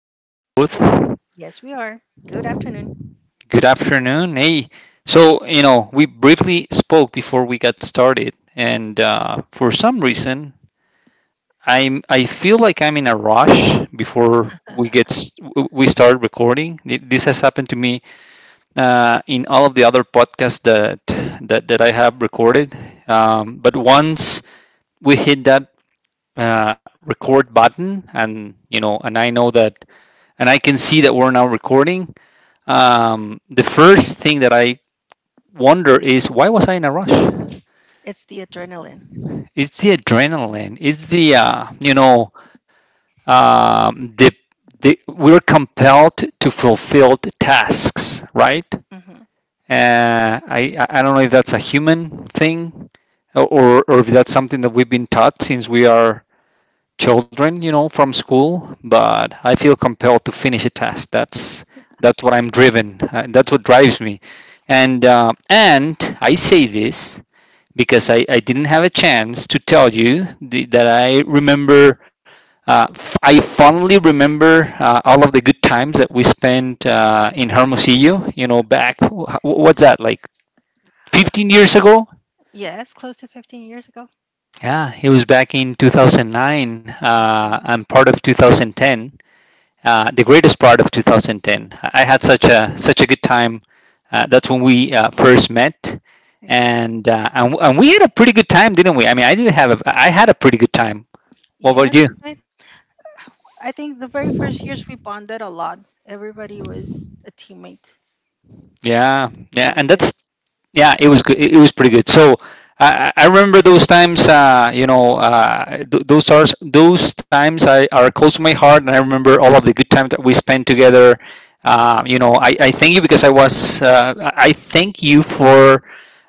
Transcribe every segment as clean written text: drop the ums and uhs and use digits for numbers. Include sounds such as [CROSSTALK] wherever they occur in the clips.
now, Ruth. Yes, we are. Good afternoon. Good afternoon. Hey, so, you know, we briefly spoke before we got started, and for some reason, I feel like I'm in a rush before we get we start recording. This has happened to me in all of the other podcasts that I have recorded. But once we hit that record button, and you know, and I know that, and I can see that we're now recording. The first thing that I wonder is, why was I in a rush? It's the adrenaline. It's the adrenaline. It's the um, the, the we're compelled to fulfill tasks, right? Hmm. I don't know if that's a human thing or if that's something that we've been taught since we are children, you know, from school, but I feel compelled to finish a task. That's what I'm driven. That's what drives me. And I say this because I didn't have a chance to tell you that I remember. I fondly remember all of the good times that we spent in Hermosillo. You know, back what's that, like, 15 years ago? Yes, close to 15 years ago. Yeah, it was back in 2009 Hmm. and part of 2010. The greatest part of 2010. I had such a good time. That's Yeah, when we first met, exactly. And we had a pretty good time, didn't we? I mean, I didn't have a I had a pretty good time. What about Yes, you? it did. I think the very first years we bonded a lot. Everybody was a teammate, Yeah, so yeah, it was and good. that's, yeah, it was good. It was pretty good. So I remember those times. You know, those are those times I are close to my heart, and I remember all of the good times that we spent together. You know, I thank you because I was I thank you for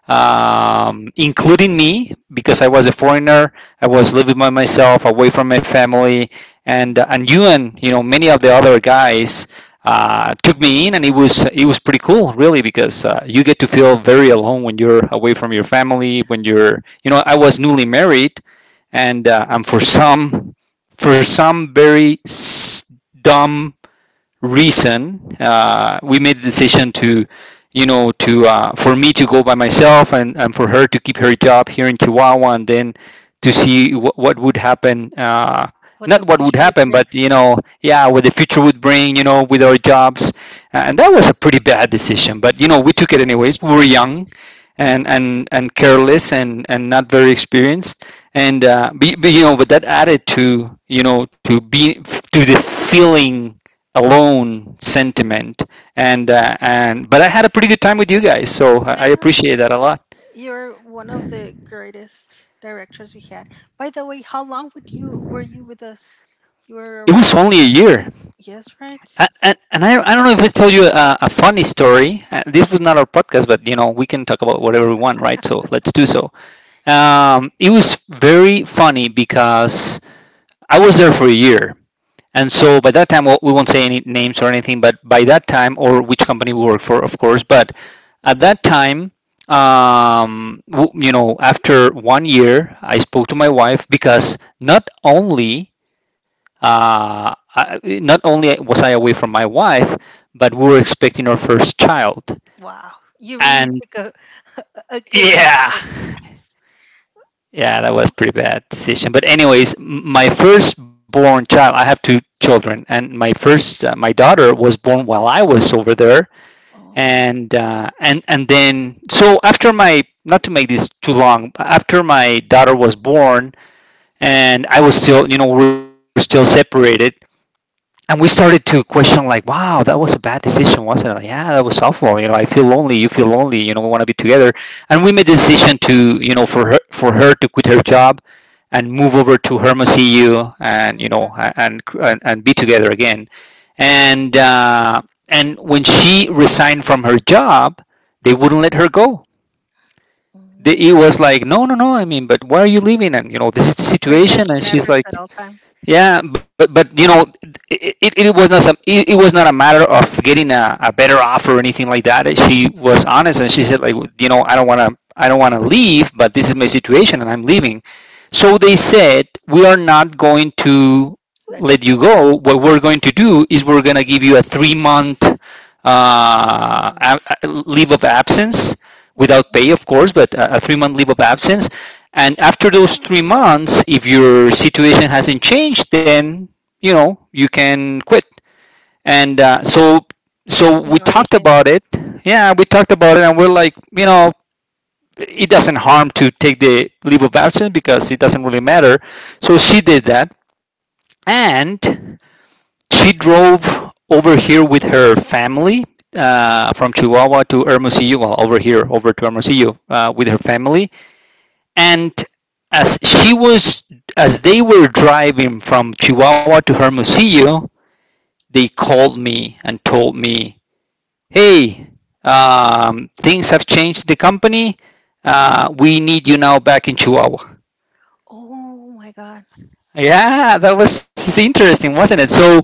including me, because I was a foreigner. I was living by myself, away from my family, and Mhm. And you know many of the other guys took me in, and it was pretty cool, really, because you get to feel very alone when you're away from your family. When you're, you know, I was newly married, It's and true. For some very dumb reason we made the decision to, you know, to, for me to go by myself, and for her to keep her job here in Chihuahua, and then to see what would happen, What not the what would future would happen bring. but you know, yeah, what the future would bring, you know, with our jobs. And that was a pretty bad decision, but you know, we took it anyways. We were young and and careless and not very experienced, and you know, but that added to, you know, to the feeling alone sentiment. And and but I had a pretty good time with you guys, so I Yes, appreciate that a lot. you're one of the greatest directors we had. By the way, how long would you were you with us? You were It was around. only a year. Yes, right. And I don't know if I told you a funny story. This was not our podcast, but you know, we can talk about whatever we want, right? So let's do so. It was very funny because I was there for a year. And so by that time, well, we won't say any names or anything, but by that time, or which company we work for, of course, but at that time, um, you know, after one year, I spoke to my wife, because not only uh, not only was I away from my wife, but we were expecting our first child. Wow, you really And took a [LAUGHS] a good yeah, decision. Yes. yeah, Oh, that was wow. pretty bad decision. But anyways, my firstborn child, I have two children, and my first, my daughter was born while I was over there, Oh. And then so after my, not to make this too long, but after my daughter was born, and I was still, you know, we were still separated, and we started to question, like, wow, that was a bad decision, wasn't it? Like, yeah, that was awful. You know, I feel lonely, you feel lonely, you know, we want to be together. And we made the decision to, you know, for her to quit her job and move over to Hermosillo, EU, and you Mhm, know, and and be together again. And and when she resigned from her job, they wouldn't let her go. mhm. It was like, no no no, I mean, but why are you leaving? And, you know, this is the situation. Retention And she's efforts at like, all time. yeah, but you know, it was not some, it was not a matter of getting a better offer or anything like that. She was honest, and she said, like, you know, I don't want to leave, but this is my situation and I'm leaving. So they said, we are not going to let Let you you go. go. What we're going to do is we're going to give you a three month uh, Mm. a- leave of absence, without Mhm. pay, of course, but a three-month leave of absence. And after those three months, if your situation hasn't changed, then, you know, you can quit. And Okay. So, so You we know, you talked can. about it. Yeah, we talked about it, and we're like, you know, it doesn't harm to take the leave of absence because it doesn't really matter. So she did that, and she drove over here with her family, from Chihuahua to Hermosillo, well, over here, over to Hermosillo, with her family. And as she was, as they were driving from Chihuahua to Hermosillo, they called me and told me, "Hey, things have changed. The company, we need you now back in Chihuahua." Oh my God. Yeah, that was interesting, wasn't it? So,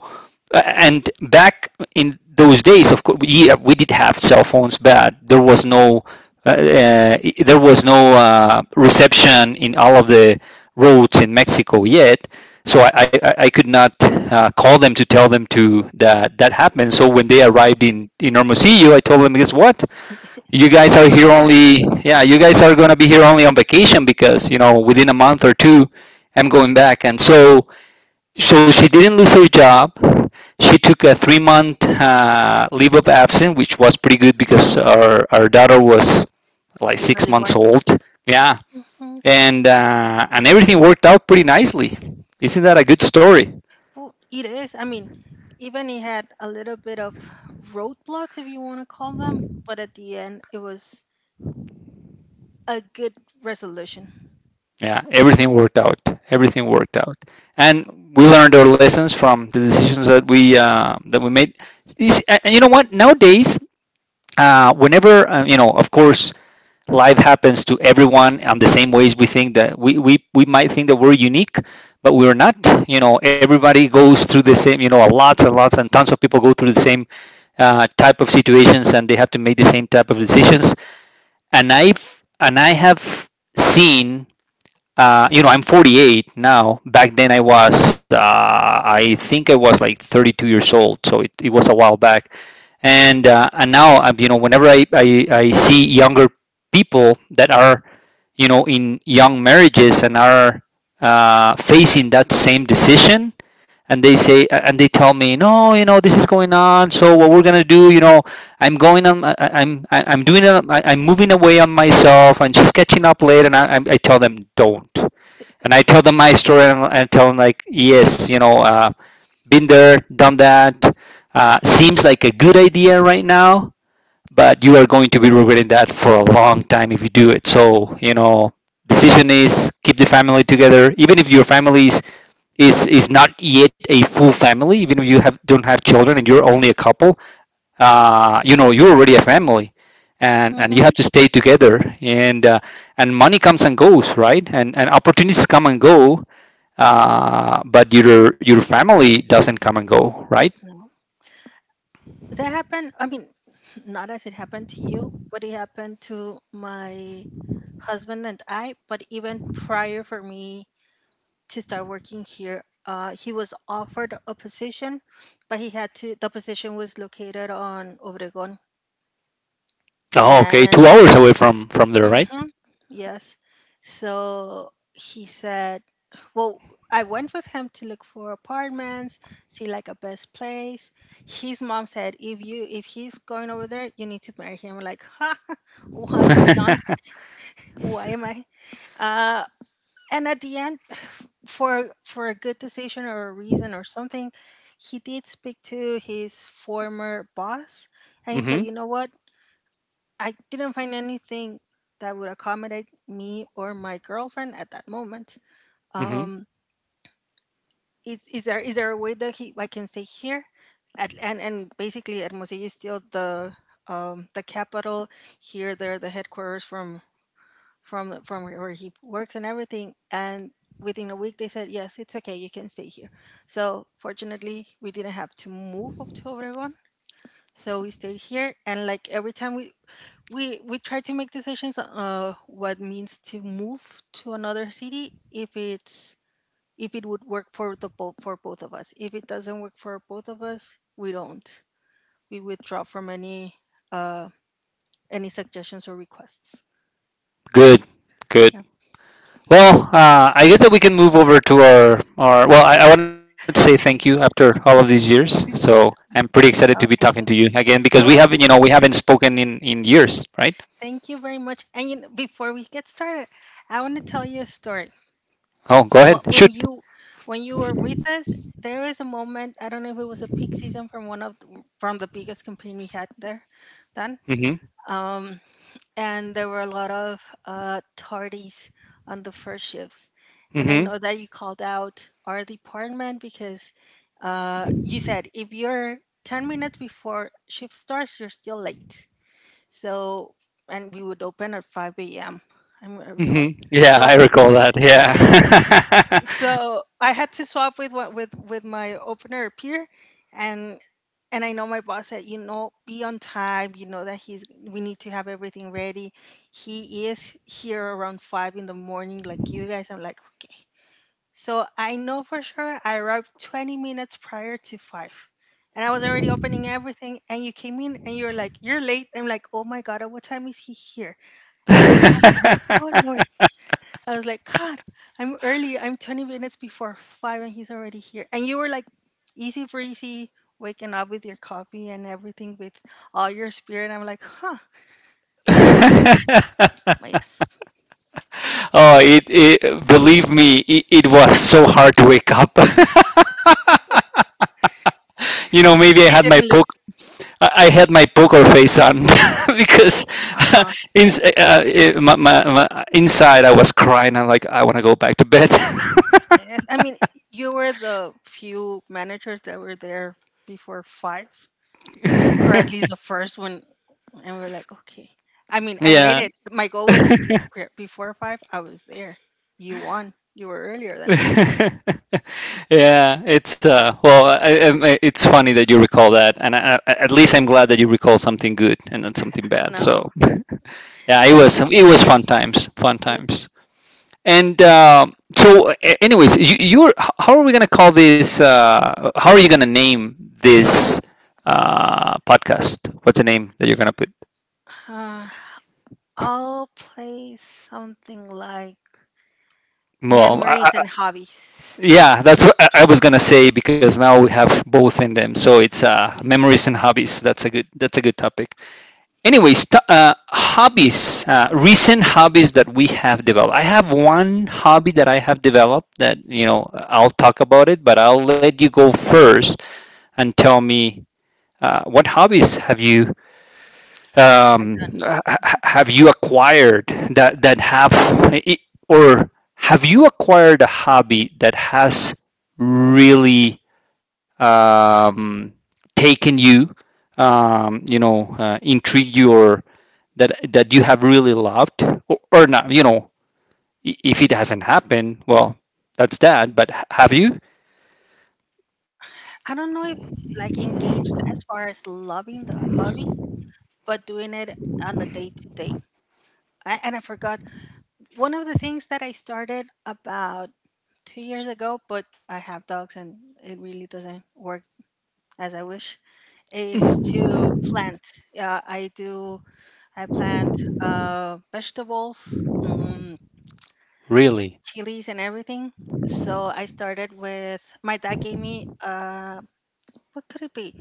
and back in those days, of course, we, yeah, we did have cell phones, but there was no reception in all of the roads in Mexico yet. So I could not call them to tell them to that that happened. So when they arrived Mhm. in Hermosillo, I told them, guess what? You We're guys are going here back. only yeah, you guys are going to be here only on vacation, because you know, within a month or two I'm going back. And so so she didn't lose her job. She took a three month leave of absence, which was pretty good because our daughter was like six Barely months born. old. Yeah. Mhm. And and everything worked out pretty nicely. Isn't that a good story? Well, it is. I mean, even it had a little bit of roadblocks, if you want to call them, but at the end, it was a good resolution. Yeah, everything worked out. That's Everything great. worked out, and we learned our lessons from the decisions that we made. And you know what? Nowadays, whenever you know, of course, life happens to everyone on the same ways. We think that we, we might think that we're unique, but we're not. You know, everybody goes through the same. You know, lots and lots and tons of people go through the same type of situations, and they have to make the same type of decisions. And I, and I have seen, you know, I'm 48 now. Back then, I was, I think I was like 32 years old, so it was a Mm-hmm. while back. And now, you know, whenever I see younger people that are, you know, in young marriages and are facing that same decision, and they say and they tell me, no, you know, this is going on. So what we're gonna do, you know, I'm going on. I'm doing it. Am moving away on myself, and she's catching up late. And I tell them don't. And I tell them my story, and I tell them like, yes, you know, been there, done that. Seems like a good idea right now, but you are going to be regretting that for a long time if you do it. So, you know, decision is keep the family together. Even if your family is is not yet a full family, even if you have don't have children and you're only a couple, you know, you're already a family, and you Mm-hmm. have to stay together. And and money comes and goes, right? And opportunities come and go, but your family doesn't come and go, right? No, that happened. I mean, [LAUGHS] not as it happened to you, but it happened to my husband and I. But even prior for me to start working here, he was offered a position, but the position was located on Obregon. Oh, okay, two And. hours away from there, right? Mm-hmm. Yes. So he said, well, I went with him to look for apartments, see like a best place. His mom said, if he's going over there, you need to marry him. I'm like, huh, [LAUGHS] [LAUGHS] why am young? Mm-hmm, Why am I? Uh, and at the end, [SIGHS] for a good decision or a reason or something, he did speak to his former boss, and he said, you know what? I didn't find anything that would accommodate me or my girlfriend at that moment. mm-hmm. Um, is there a way that he I can stay here? At and basically, Hermosillo is still the the capital. Here, they're the headquarters from where he works and everything. And within a week, they said yes, it's okay, you can stay here. So fortunately, we didn't have to move up to Obregón. So we stayed here, and like every time we try to make decisions, what means to move to another city, if it would work for the both for both of us. If it doesn't work for both of us, we don't, we withdraw from uh any suggestions or requests. Good, good. Yeah. Well, I guess that we can move over to our, well, I wanted to say thank you after all of these years, so I'm pretty No, excited to be no, talking to thank you you. again because we haven't, No, we haven't spoken in years, right? thank you very much. And, before we get started, I want to tell you a story. Oh, go ahead. wh- when Shoot. you when you were with us, there was a moment. I don't know if it was a peak season from from the biggest campaign we had there then, Mhm. um, and there were a lot of tardies on the first shifts. And I Mhm. know that you called out our department because you said, if you're 10 minutes before shift starts, you're still late. So, and we would open at 5 a.m. I recall. Mhm. Yeah, so I, I recall that. Yeah. so I had to swap with what with my opener peer, and I know my boss said, you know, be on time. You know that he's we need to have everything ready. He is here around five in the morning, like you guys. I'm like, okay. So I know for sure I arrived 20 minutes prior to five. And I was already opening everything, and you came in, and you're like, "You're late." I'm like, "Oh my god! At what time is he here?" And being like, "Oh Lord!" I was like, God, I'm early. I'm 20 minutes before five, and he's already here. And you were like, easy breezy, waking up with your coffee and everything with all your spirit. I'm like, huh, wow, my [LAUGHS] yes. Oh, it believe me, it was so hard to wake up. [LAUGHS] You know, maybe I It had my didn't look. poke I had my poker face on [LAUGHS] because Uh huh. [LAUGHS] in, uh, it, my, my, my, inside I was crying. I'm like, I want to go back to bed. Yes. I mean, you were the few managers that were there before five, or at least the first one. And we are like, okay. I mean, [LAUGHS] I made Yeah. it. My goal was to be [LAUGHS] before five. I was there. You won. You were earlier than I was. [LAUGHS] Yeah, it's well, it's funny that you recall that, and at least I'm glad that you recall something good and not something bad. So, No. [LAUGHS] yeah, Oh, yeah, it memories. was fun times, fun Yep. times. And so, anyways, you're, how are we gonna call this? How are you gonna name this podcast? What's the name that you're gonna put? Uh, I'll play something like Well, memories and hobbies. yeah, that's what I was gonna say, because now we have both in them. So it's What memories and hobbies. That's a good. That's a good topic. Anyways, hobbies. Recent hobbies that we have developed. I have one hobby that I have developed that, you know, I'll talk about it, but I'll let you go first and tell me, what hobbies have I done? um, have you acquired that have, or have you acquired a hobby that has really um, taken you, you know, intrigued you, or that you have really loved, or not, you know, if it hasn't happened, well, that's that. But have you— I don't know if like engaged as far as loving the hobby, but doing it on a day to day. And I forgot one of the things that I started about 2 years ago, but I have dogs and it really doesn't work as I wish, is to plant. Yeah, I do. I plant vegetables. Really? Chilies and everything. So I started with my dad gave me what could it be?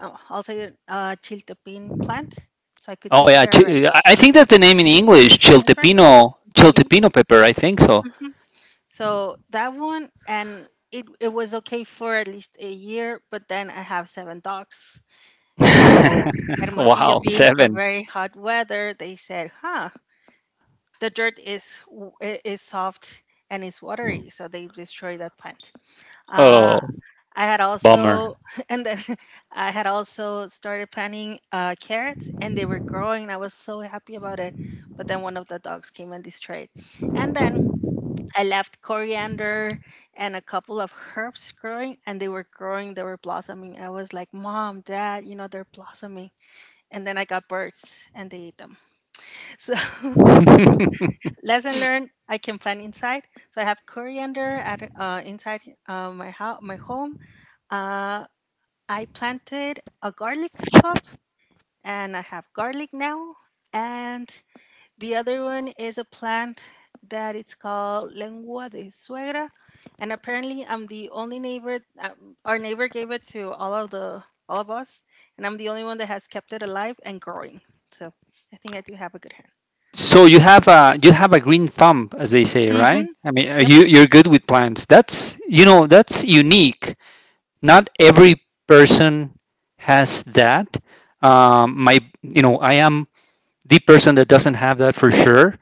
I'll say it, chiltepin plant, so I could Oh take yeah, care of it. I think that's the name in English, Yes, right. Chiltepin. chiltepino pepper, I think so. hmm So that one, and it was okay for at least a year, but then I have seven dogs. So [LAUGHS] Hermosillo Wow, being a seven. very hot weather, they said, huh, the dirt is is soft and it's watery, so they destroyed that plant. Oh, Uh, I had bummer. also, [LAUGHS] and then [LAUGHS] I had also started planting carrots, and they were growing, and I was so happy about it. But then one of the dogs came and destroyed. And then I left coriander and a couple of herbs growing, and they were growing, they were blossoming. I was like, "Mom, Dad, you know they're blossoming." And then I got birds, and they ate them. [LAUGHS] So [LAUGHS] [LAUGHS] lesson learned: I can plant inside. So I have coriander at inside my house, my home. Uh, I planted a garlic club, and I have garlic now. And the other one is a plant that it's called lengua de suegra. And apparently I'm the only neighbor, our neighbor gave it to all of us, and I'm the only one that has kept it alive and growing. So I think I do have a good hand. So you have a— you have a green thumb, as they say, right? Mhm. I mean, are Yep. you— you're good with plants. That's, you know, that's unique. Not every person has that. My— you know, I am the person that doesn't have that for sure.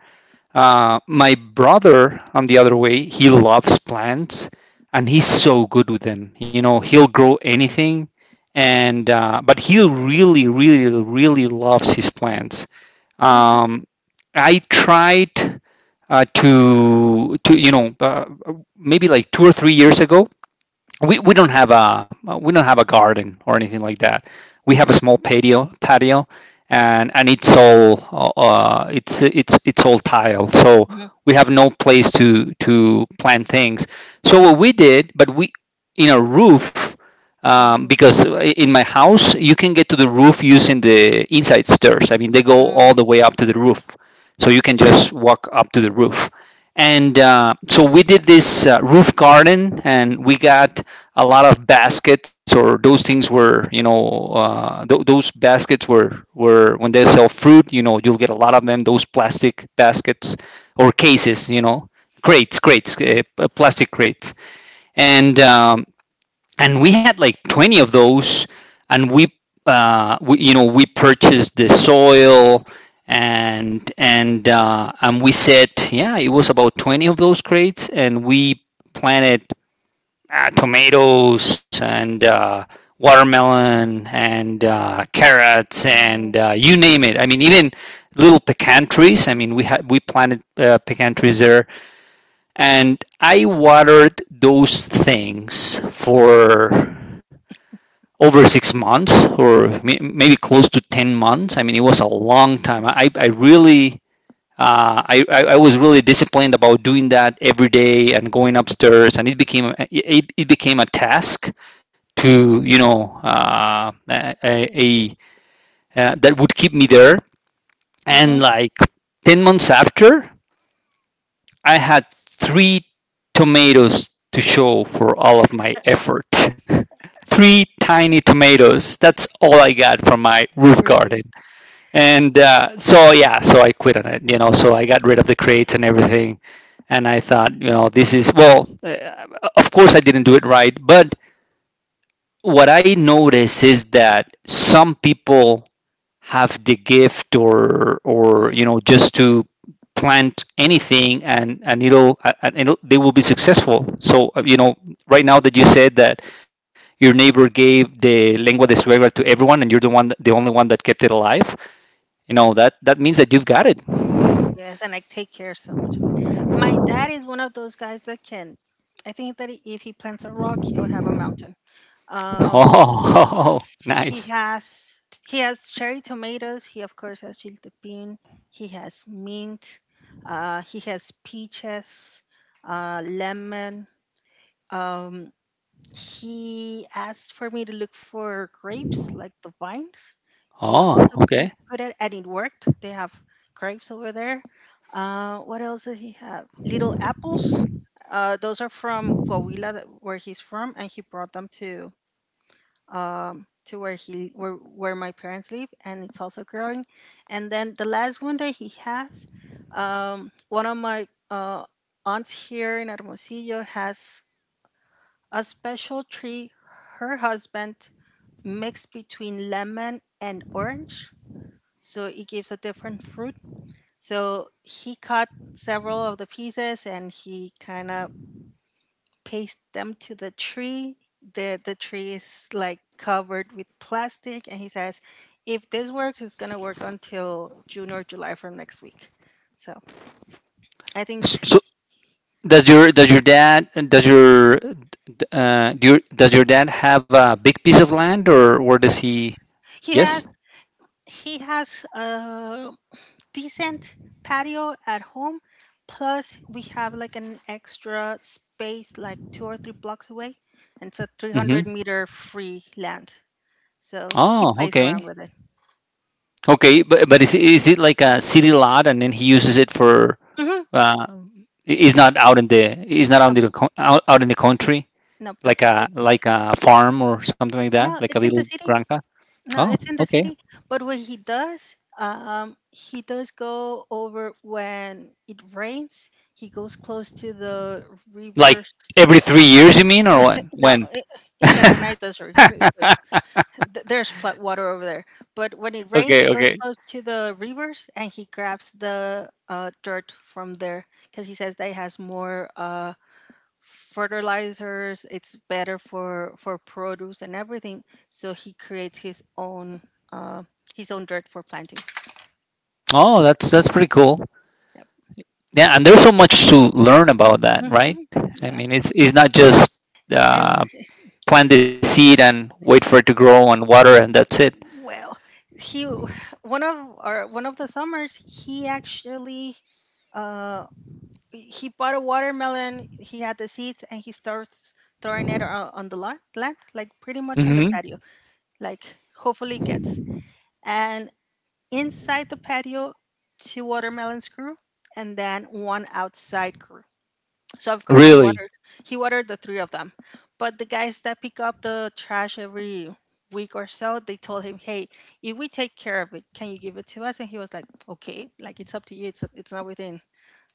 My brother, on the other way, he loves plants, and he's so good with them. You know, he'll grow anything, and but he really, really, really loves his plants. Mhm. Um, I tried to you know, maybe like 2 or 3 years ago, we don't have a— we don't have a garden or anything like that. We have a small patio, and it's all it's all tile. So Mhm. we have no place to plant things. So what we did, but we— in a roof, Oh. because in my house you can get to the roof using the inside stairs. I mean, they go Mm-hmm. all the way up to the roof, so you can just walk up to the roof. And so we did this roof garden, and we got a lot of baskets, or those things were, you know, those baskets were— were when they sell fruit, you know, you'll get a lot of them, those plastic baskets or cases, you know, crates, plastic crates. And and we had like 20 of those, and we, you know, we purchased the soil. And and we said, yeah, it was about 20 of those crates, and we planted tomatoes, and watermelon, and carrots, and Oh. You name it. I mean, even little pecan trees. I mean, we had— we planted pecan trees there. And I watered those things for over 6 months, or maybe close to 10 months. I mean, it was a long time. I really, I, I was really disciplined about doing that every day and going upstairs, and it became— it became a task to, you know, a that would keep me there. And Mhm. like 10 months after, I had three tomatoes to show for all of my effort. [LAUGHS] Three tiny tomatoes. That's all I got from my roof garden. Really. And so, yeah, so I quit on it, you know, so I got rid of the crates and everything. And I thought, you know, this is, well, of course I didn't do it right, but what I notice is that some people have the gift, or, you know, just to plant anything, and it'll— and they will be successful. So you know, right now that you said that your neighbor gave the lengua de suegra to everyone, and you're the one— the only one that kept it alive, you know, that that means that you've got it. Yes, and I take care so much of it. My dad is one of those guys that can. I think that if he plants a rock, he'll have a mountain. Um, Oh, [LAUGHS] he nice. has cherry tomatoes. He of course has chiltepín. He has mint. He has peaches, lemon. Um, he asked for me to look for grapes, like the vines. He Oh, also okay, put it, and it worked. They have grapes over there. What else did he have? Little apples. Those are from Coahuila, where he's from, and he brought them to where he where my parents live, and it's also growing. And then the last one that he has, one of my aunts here in Hermosillo has a special tree her husband mixed between lemon and orange, so it gives a different fruit. So he cut several of the pieces and he kind of pasted them to the tree. The tree is like covered with plastic, and he says if this works, it's going to work until June or July from next week. So I think so does your— does your dad— does your, do your— does your dad have a big piece of land, or where does yes, he? he has Yes. he has decent patio at home. Plus, we have like an extra space like 2 or 3 blocks away, and it's a 300 Mm-hmm. meter free land. So he Oh, plays okay. around with it. Okay, but is it— is it like a city lot, and then he uses it for Mm-hmm. uh is Yes. not out in the— is not out No. in the out, out in the country, Nope. Nope. like a— like It's a farm or something like that, No. like a It's in little the city. granja? No, Oh, it's in the okay. city. But what he does go over when it rains. He goes close to the Like rivers. every 3 years, you mean, or what? No, When? In Cananaitas, [LAUGHS] there's flat water over there. But when it Okay, rains, he okay. goes close to the rivers and he grabs the dirt from there because he says that it has more fertilizers. It's better for produce and everything. So he creates uh, his own dirt for planting. Oh, that's— that's pretty cool. Yep. Yeah, and there's so much to learn about that, right? Hmm. I Yeah. mean, it's— it's not just And uh, plant the seed and wait for it to grow and water, and that's it. well, he one of the summers uh he bought a watermelon. He had the seeds, and he starts throwing it on the land, like pretty much on Hmm. the patio. Like hopefully gets. And inside the patio, two watermelons grew, and then one outside grew. So of course Really? He watered the three of them. But the guys that pick up the trash every week or so, they told him, "Hey, if we take care of it, can you give it to us?" And he was like, "Okay, like it's up to you. It's not within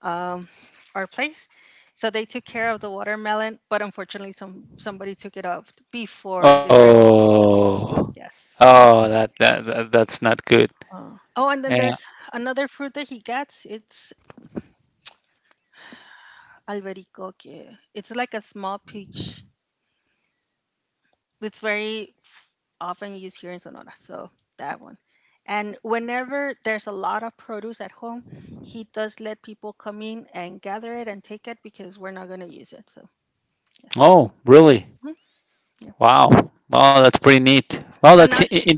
um, our place." So they took care of the watermelon, but unfortunately, somebody took it off before they were able to pick it up. Oh, Yes. oh, that, that that's not good. Oh, and then there's Yeah. another fruit that he gets. It's albericoque. It's like a small peach. It's very often used here in Sonora. So that one. And whenever there's a lot of produce at home, he does let people come in and gather it and take it because we're not going to use it. So yes. Oh, really? Mhm. Yeah. Wow. Wow, that's pretty neat. Well, But that's I now in—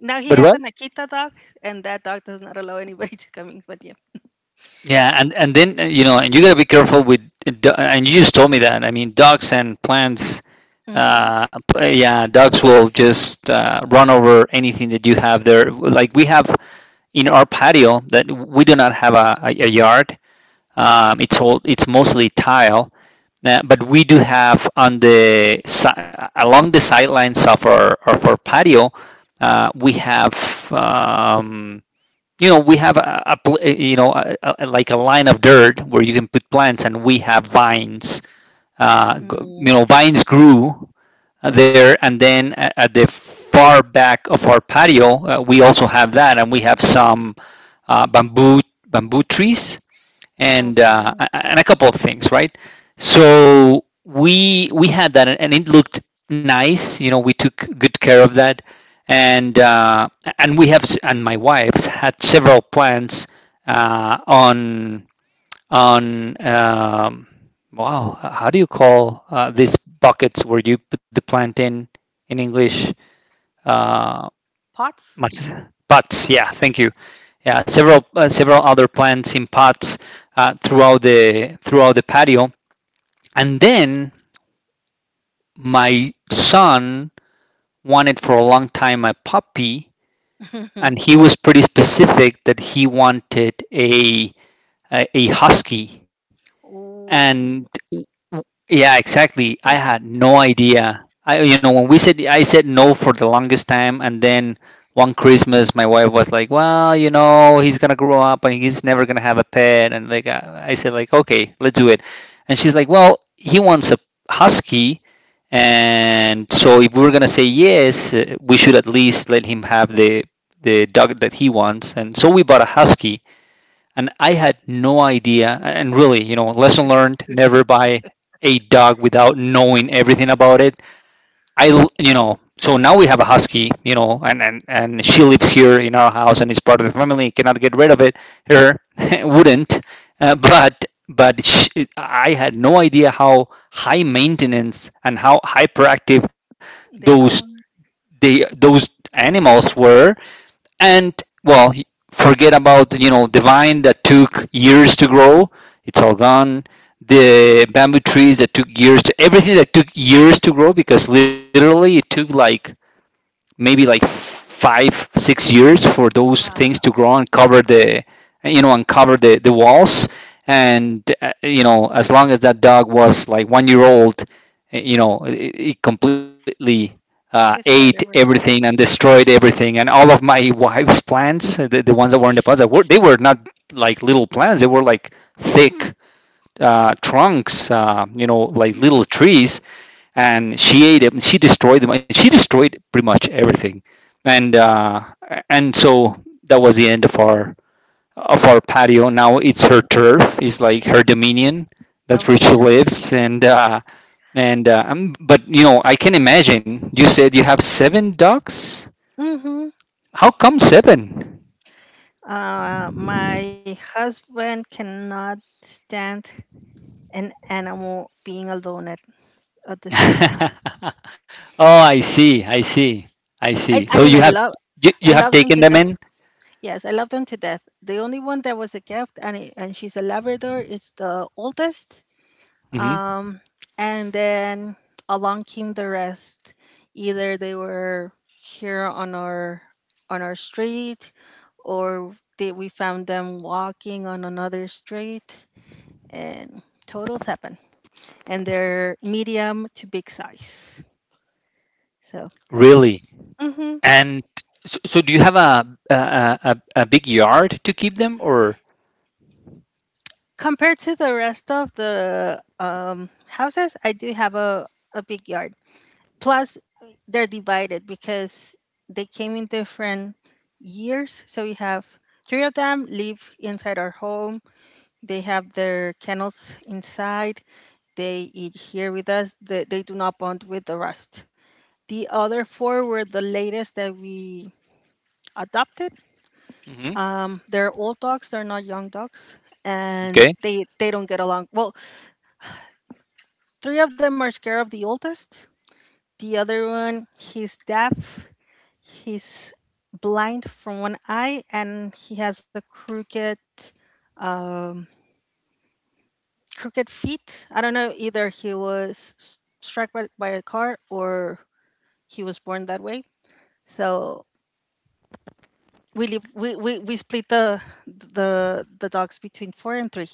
Now he but has what? an Akita dog, and that dog does not allow anybody [LAUGHS] to come in, but yeah. Yeah, and then you know, and you gotta be careful with. Uh, and you just told me that. I mean, dogs and plants, Mhm. uh, yeah, dogs will just run over anything that you have there. Like we have in our patio that we do not have yard. It's all— it's mostly tile, but we do have on the along the sidelines of our patio, we have, um, you know, we have a you know, like a line of dirt where you can put plants, and we have vines. Mm, You know, vines grew there. And then at the far back of our patio, we also have that, and we have some uh, bamboo bamboo trees, and okay. uh, and a couple of things, right? So we— we had that, and it looked nice. You know, we took good care of that. And and we have— and my wife's had several plants uh, on wow, how do you call these buckets where you put the plant in English? Uh, Pots? pots. Yeah, thank you. Yeah, several several other plants in pots throughout the— throughout the patio. And then my son wanted for a long time a puppy, and he [LAUGHS] was pretty specific that he wanted a— a husky. And Ooh, yeah, exactly. I had no idea. I, you know, when we said— I said no for the longest time, and then one Christmas, my wife was like, "Well, you know, he's gonna grow up and he's never gonna have a pet," and like, I said, like, "Okay, let's do it," and she's like, "Well, he wants a husky." And so, if we are gonna say yes, we should at least let him have the— the dog that he wants. And so, we bought a husky, and I had no idea. And really, you know, lesson learned: never buy a dog without knowing everything about it. I, you know, so now we have a husky, you know, and she lives here in our house and is part of the family. Cannot get rid of it. Her [LAUGHS] wouldn't, uh, but but sh I had no idea how high maintenance and how hyperactive they those— are. they— those animals were. And well, forget about, you know, the vine that took years to grow. It's all gone. The bamboo trees that took years— to everything that took years to grow, because literally it took like maybe like 5 6 years for those things to Ah, grow and cover the— you know, and cover the— the walls. And you know, as long as that dog was like 1 year old, you know, it completely ate destroyed everything. everything and destroyed everything, and all of my [LAUGHS] wife's plants, the ones that were in the pots, that were— they were not like little plants, they were like thick trunks, you know, like No, little trees, and she ate them. She destroyed them, and she destroyed pretty much everything. And uh, and so that was the end of our— of our patio. Now it's her turf. It's like her dominion. That's of where she course. lives. And but you know, I can imagine. You said you have seven ducks. Mhm. How come seven? My husband cannot stand an animal being alone at the street. [LAUGHS] Oh, I see. I see. I I, see. I So mean, I you have love you, I you love have them to taken death. them in. Yes, I love them to death. The only one that was a gift, and she's a Labrador, is the oldest. Hmm Um, and then along came the rest. Either they were here on our street, or we found them walking on another street, and totals happen. And they're medium to big size. So Really? mhm. And so do you have a, a, a a big yard to keep them or? Compared to the rest of the houses, I do have a big yard. Plus, they're divided because they came in different years, so we have three of them live inside our home. They have their kennels inside. They eat here with us. They do not bond with the rest. The other four were the latest that we adopted. Hmm They're old dogs, they're not young dogs, and Okay. they don't get along well. Three of them are scared of the oldest. The other one, he's deaf. He's blind from one eye, and he has a crooked um crooked feet. I don't know, either he was struck by a car or he was born that way. So we live, we split the dogs between four and three.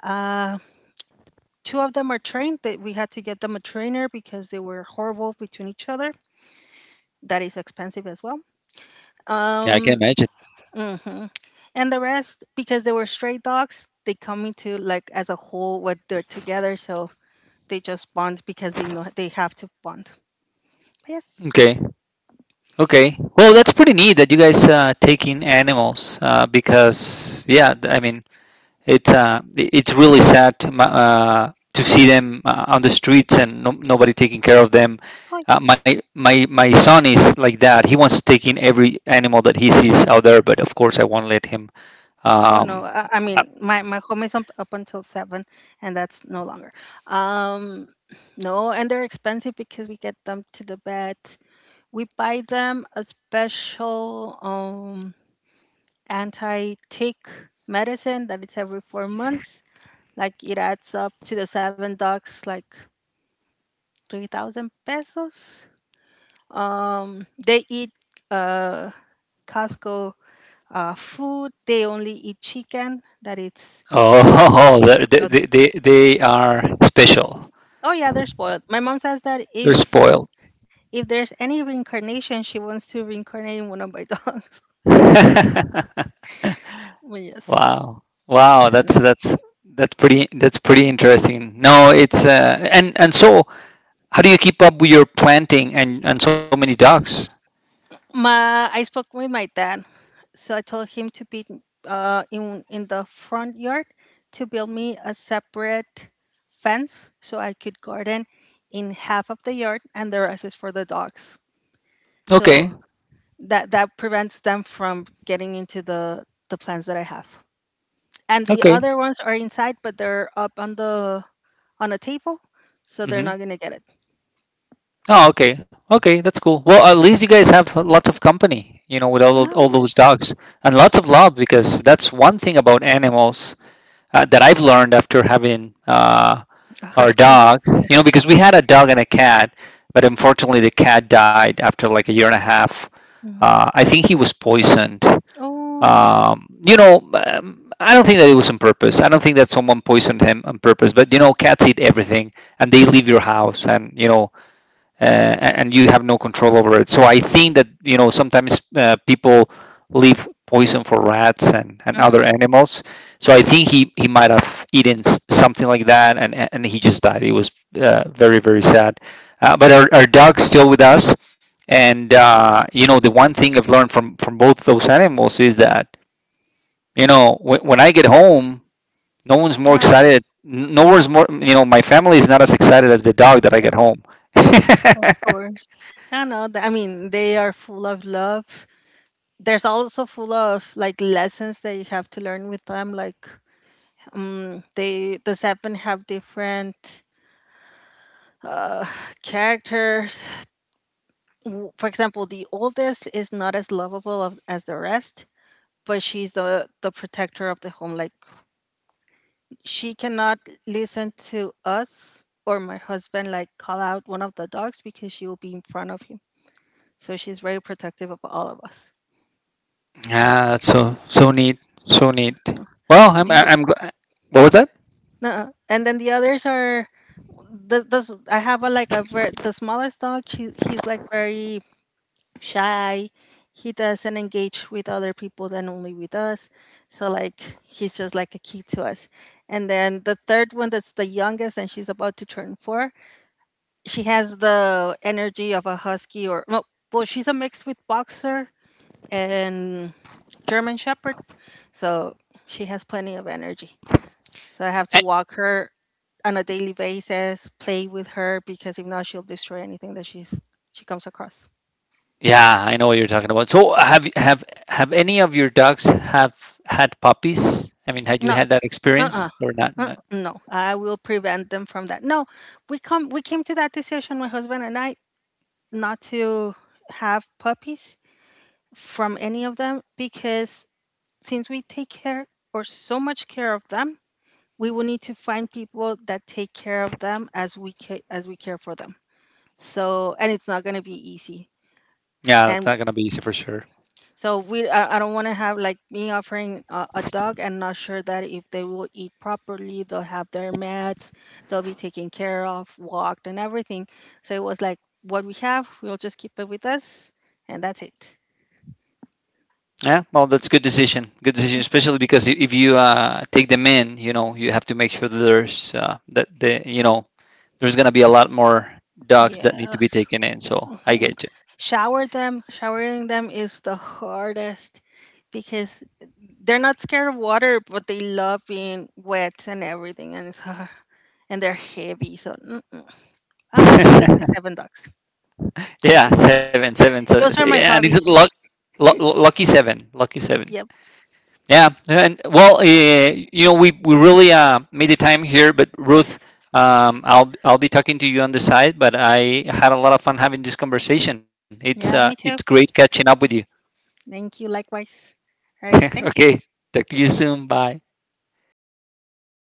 Uh, Two of them are trained. That we had to get them a trainer because they were horrible between each other. That is expensive as well. Yeah, I can Um, imagine. hmm And the rest, because they were stray dogs, they come into like as a whole what they're together. So they just bond because they know they have to bond. Yes. Okay. Okay. Well, that's pretty neat that you guys take in animals because yeah, I mean it's it's really sad to, to see them on the streets and no, nobody taking care of them. Oh, yeah. My son is like that. He wants to take in every animal that he sees out there, but of course I won't let him. Oh no. Um, I, I uh, mean, my home is up, until seven, and that's no longer. Um, no, and they're expensive because we get them to the vet. We buy them a special anti tick medicine that it's every 4 months. Like it adds up to the seven dogs, like 3,000 pesos. They eat uh, Costco food. They only eat chicken. That it's. uh, Oh, [LAUGHS] they um, they they they are special. oh yeah, they're spoiled. My mom says that They're if spoiled. [LAUGHS] if there's any reincarnation, she wants to reincarnate in one of my dogs. [LAUGHS] Well, yes. Wow. Wow, So, that's pretty that's pretty interesting. No, it's and so how do you keep up with your planting and so many ducks? My I spoke with my dad, so I told him to be in the front yard to build me a separate fence so I could garden in half of the yard and the rest is for the dogs. So Okay. that prevents them from getting into the plants that I have. And the Okay. other ones are inside, but they're up on the on a table, so they're not hmm gonna get it. Oh, okay. Okay, that's cool. Well, at least you guys have lots of company, you know, with Oh all those yes, dogs and lots of love because that's one thing about animals, that I've learned after having [LAUGHS] a our husky. dog. You know, because we had a dog and a cat, but unfortunately the cat died after like a year and a half. Mhm. I think he was poisoned. Oh, You know, I don't think that it was on purpose. I don't think that someone poisoned him on purpose. But you know, cats eat everything, and they leave your house, and you know, and you have no control over it. So I think that you know sometimes people leave poison for rats and other mm-hmm. animals. So I think he might have eaten something like that, and he just died. It was very very sad. But our dog's still with us, and you know the one thing I've learned from both those animals is that you know when I get home, no one's more Ah, excited. yes. No one's more. You know, my family is not as excited as the dog that I get home. Of [LAUGHS] course. No, no. I mean, they are full of love. There's also full of like lessons that you have to learn with them. Like, the seven have different uh [SIGHS] characters. For example, the oldest is not as lovable as the rest, but she's the protector of the home. Like, she cannot listen to us or my husband like call out one of the dogs because she will be in front of him. So she's very protective of all of us. Yeah, that's so neat, so neat. Well, The what was that? And then the others are the this I have a, like, a the smallest dog. She He's like very shy. He doesn't engage with other people than only with us. So like he's just like a key to us. And then the third one that's the youngest and she's about to turn four. She has the energy of a husky or well, she's a mix with boxer and German Shepherd. So she has plenty of energy. So I have to Eh, walk her on a daily basis, play with her because if not, she'll destroy anything that she comes across. Yeah, I know what you're talking about. So have any of your dogs have had puppies? I mean, had you No, had that uh-uh. experience or not? No, I will prevent them from that. No, we came to that decision, my husband and I, not to have puppies from any of them because since we take care or so much care of them, we will need to find people that take care of them as we care for them. So, and it's not going to be easy. Yeah, that's not And gonna be easy for sure. so I don't want to have like me offering a dog and not sure that if they will eat properly, they'll have their meds, they'll be taken care of, walked, and everything. So it was like what we have, we'll just keep it with us, and that's it. Yeah, well, that's good decision. Good decision, Mhm. especially because if you take them in, you know, you have to make sure that there's that the you know there's gonna be a lot more dogs that need to be Yes. taken in. So I Hmm. get Shower them. Showering them is the hardest because they're not scared of water, but they love being wet and everything, and it's, [LAUGHS] [SIGHS] and they're heavy. So mm-mm. I'm okay with you. my [LAUGHS] seven dogs. That's Yeah, it. Seven, Those are yeah, my and it's hobbies. Lucky seven, lucky seven. Yep. Yeah, and well, you know, we really made the time here, but Ruth, Yes. I'll be talking to you on the side, but I had a lot of fun having this conversation. Yeah, me too. It's great catching up with you. Thank you. Likewise. All right. Thanks. [LAUGHS] okay, talk to you soon. Bye.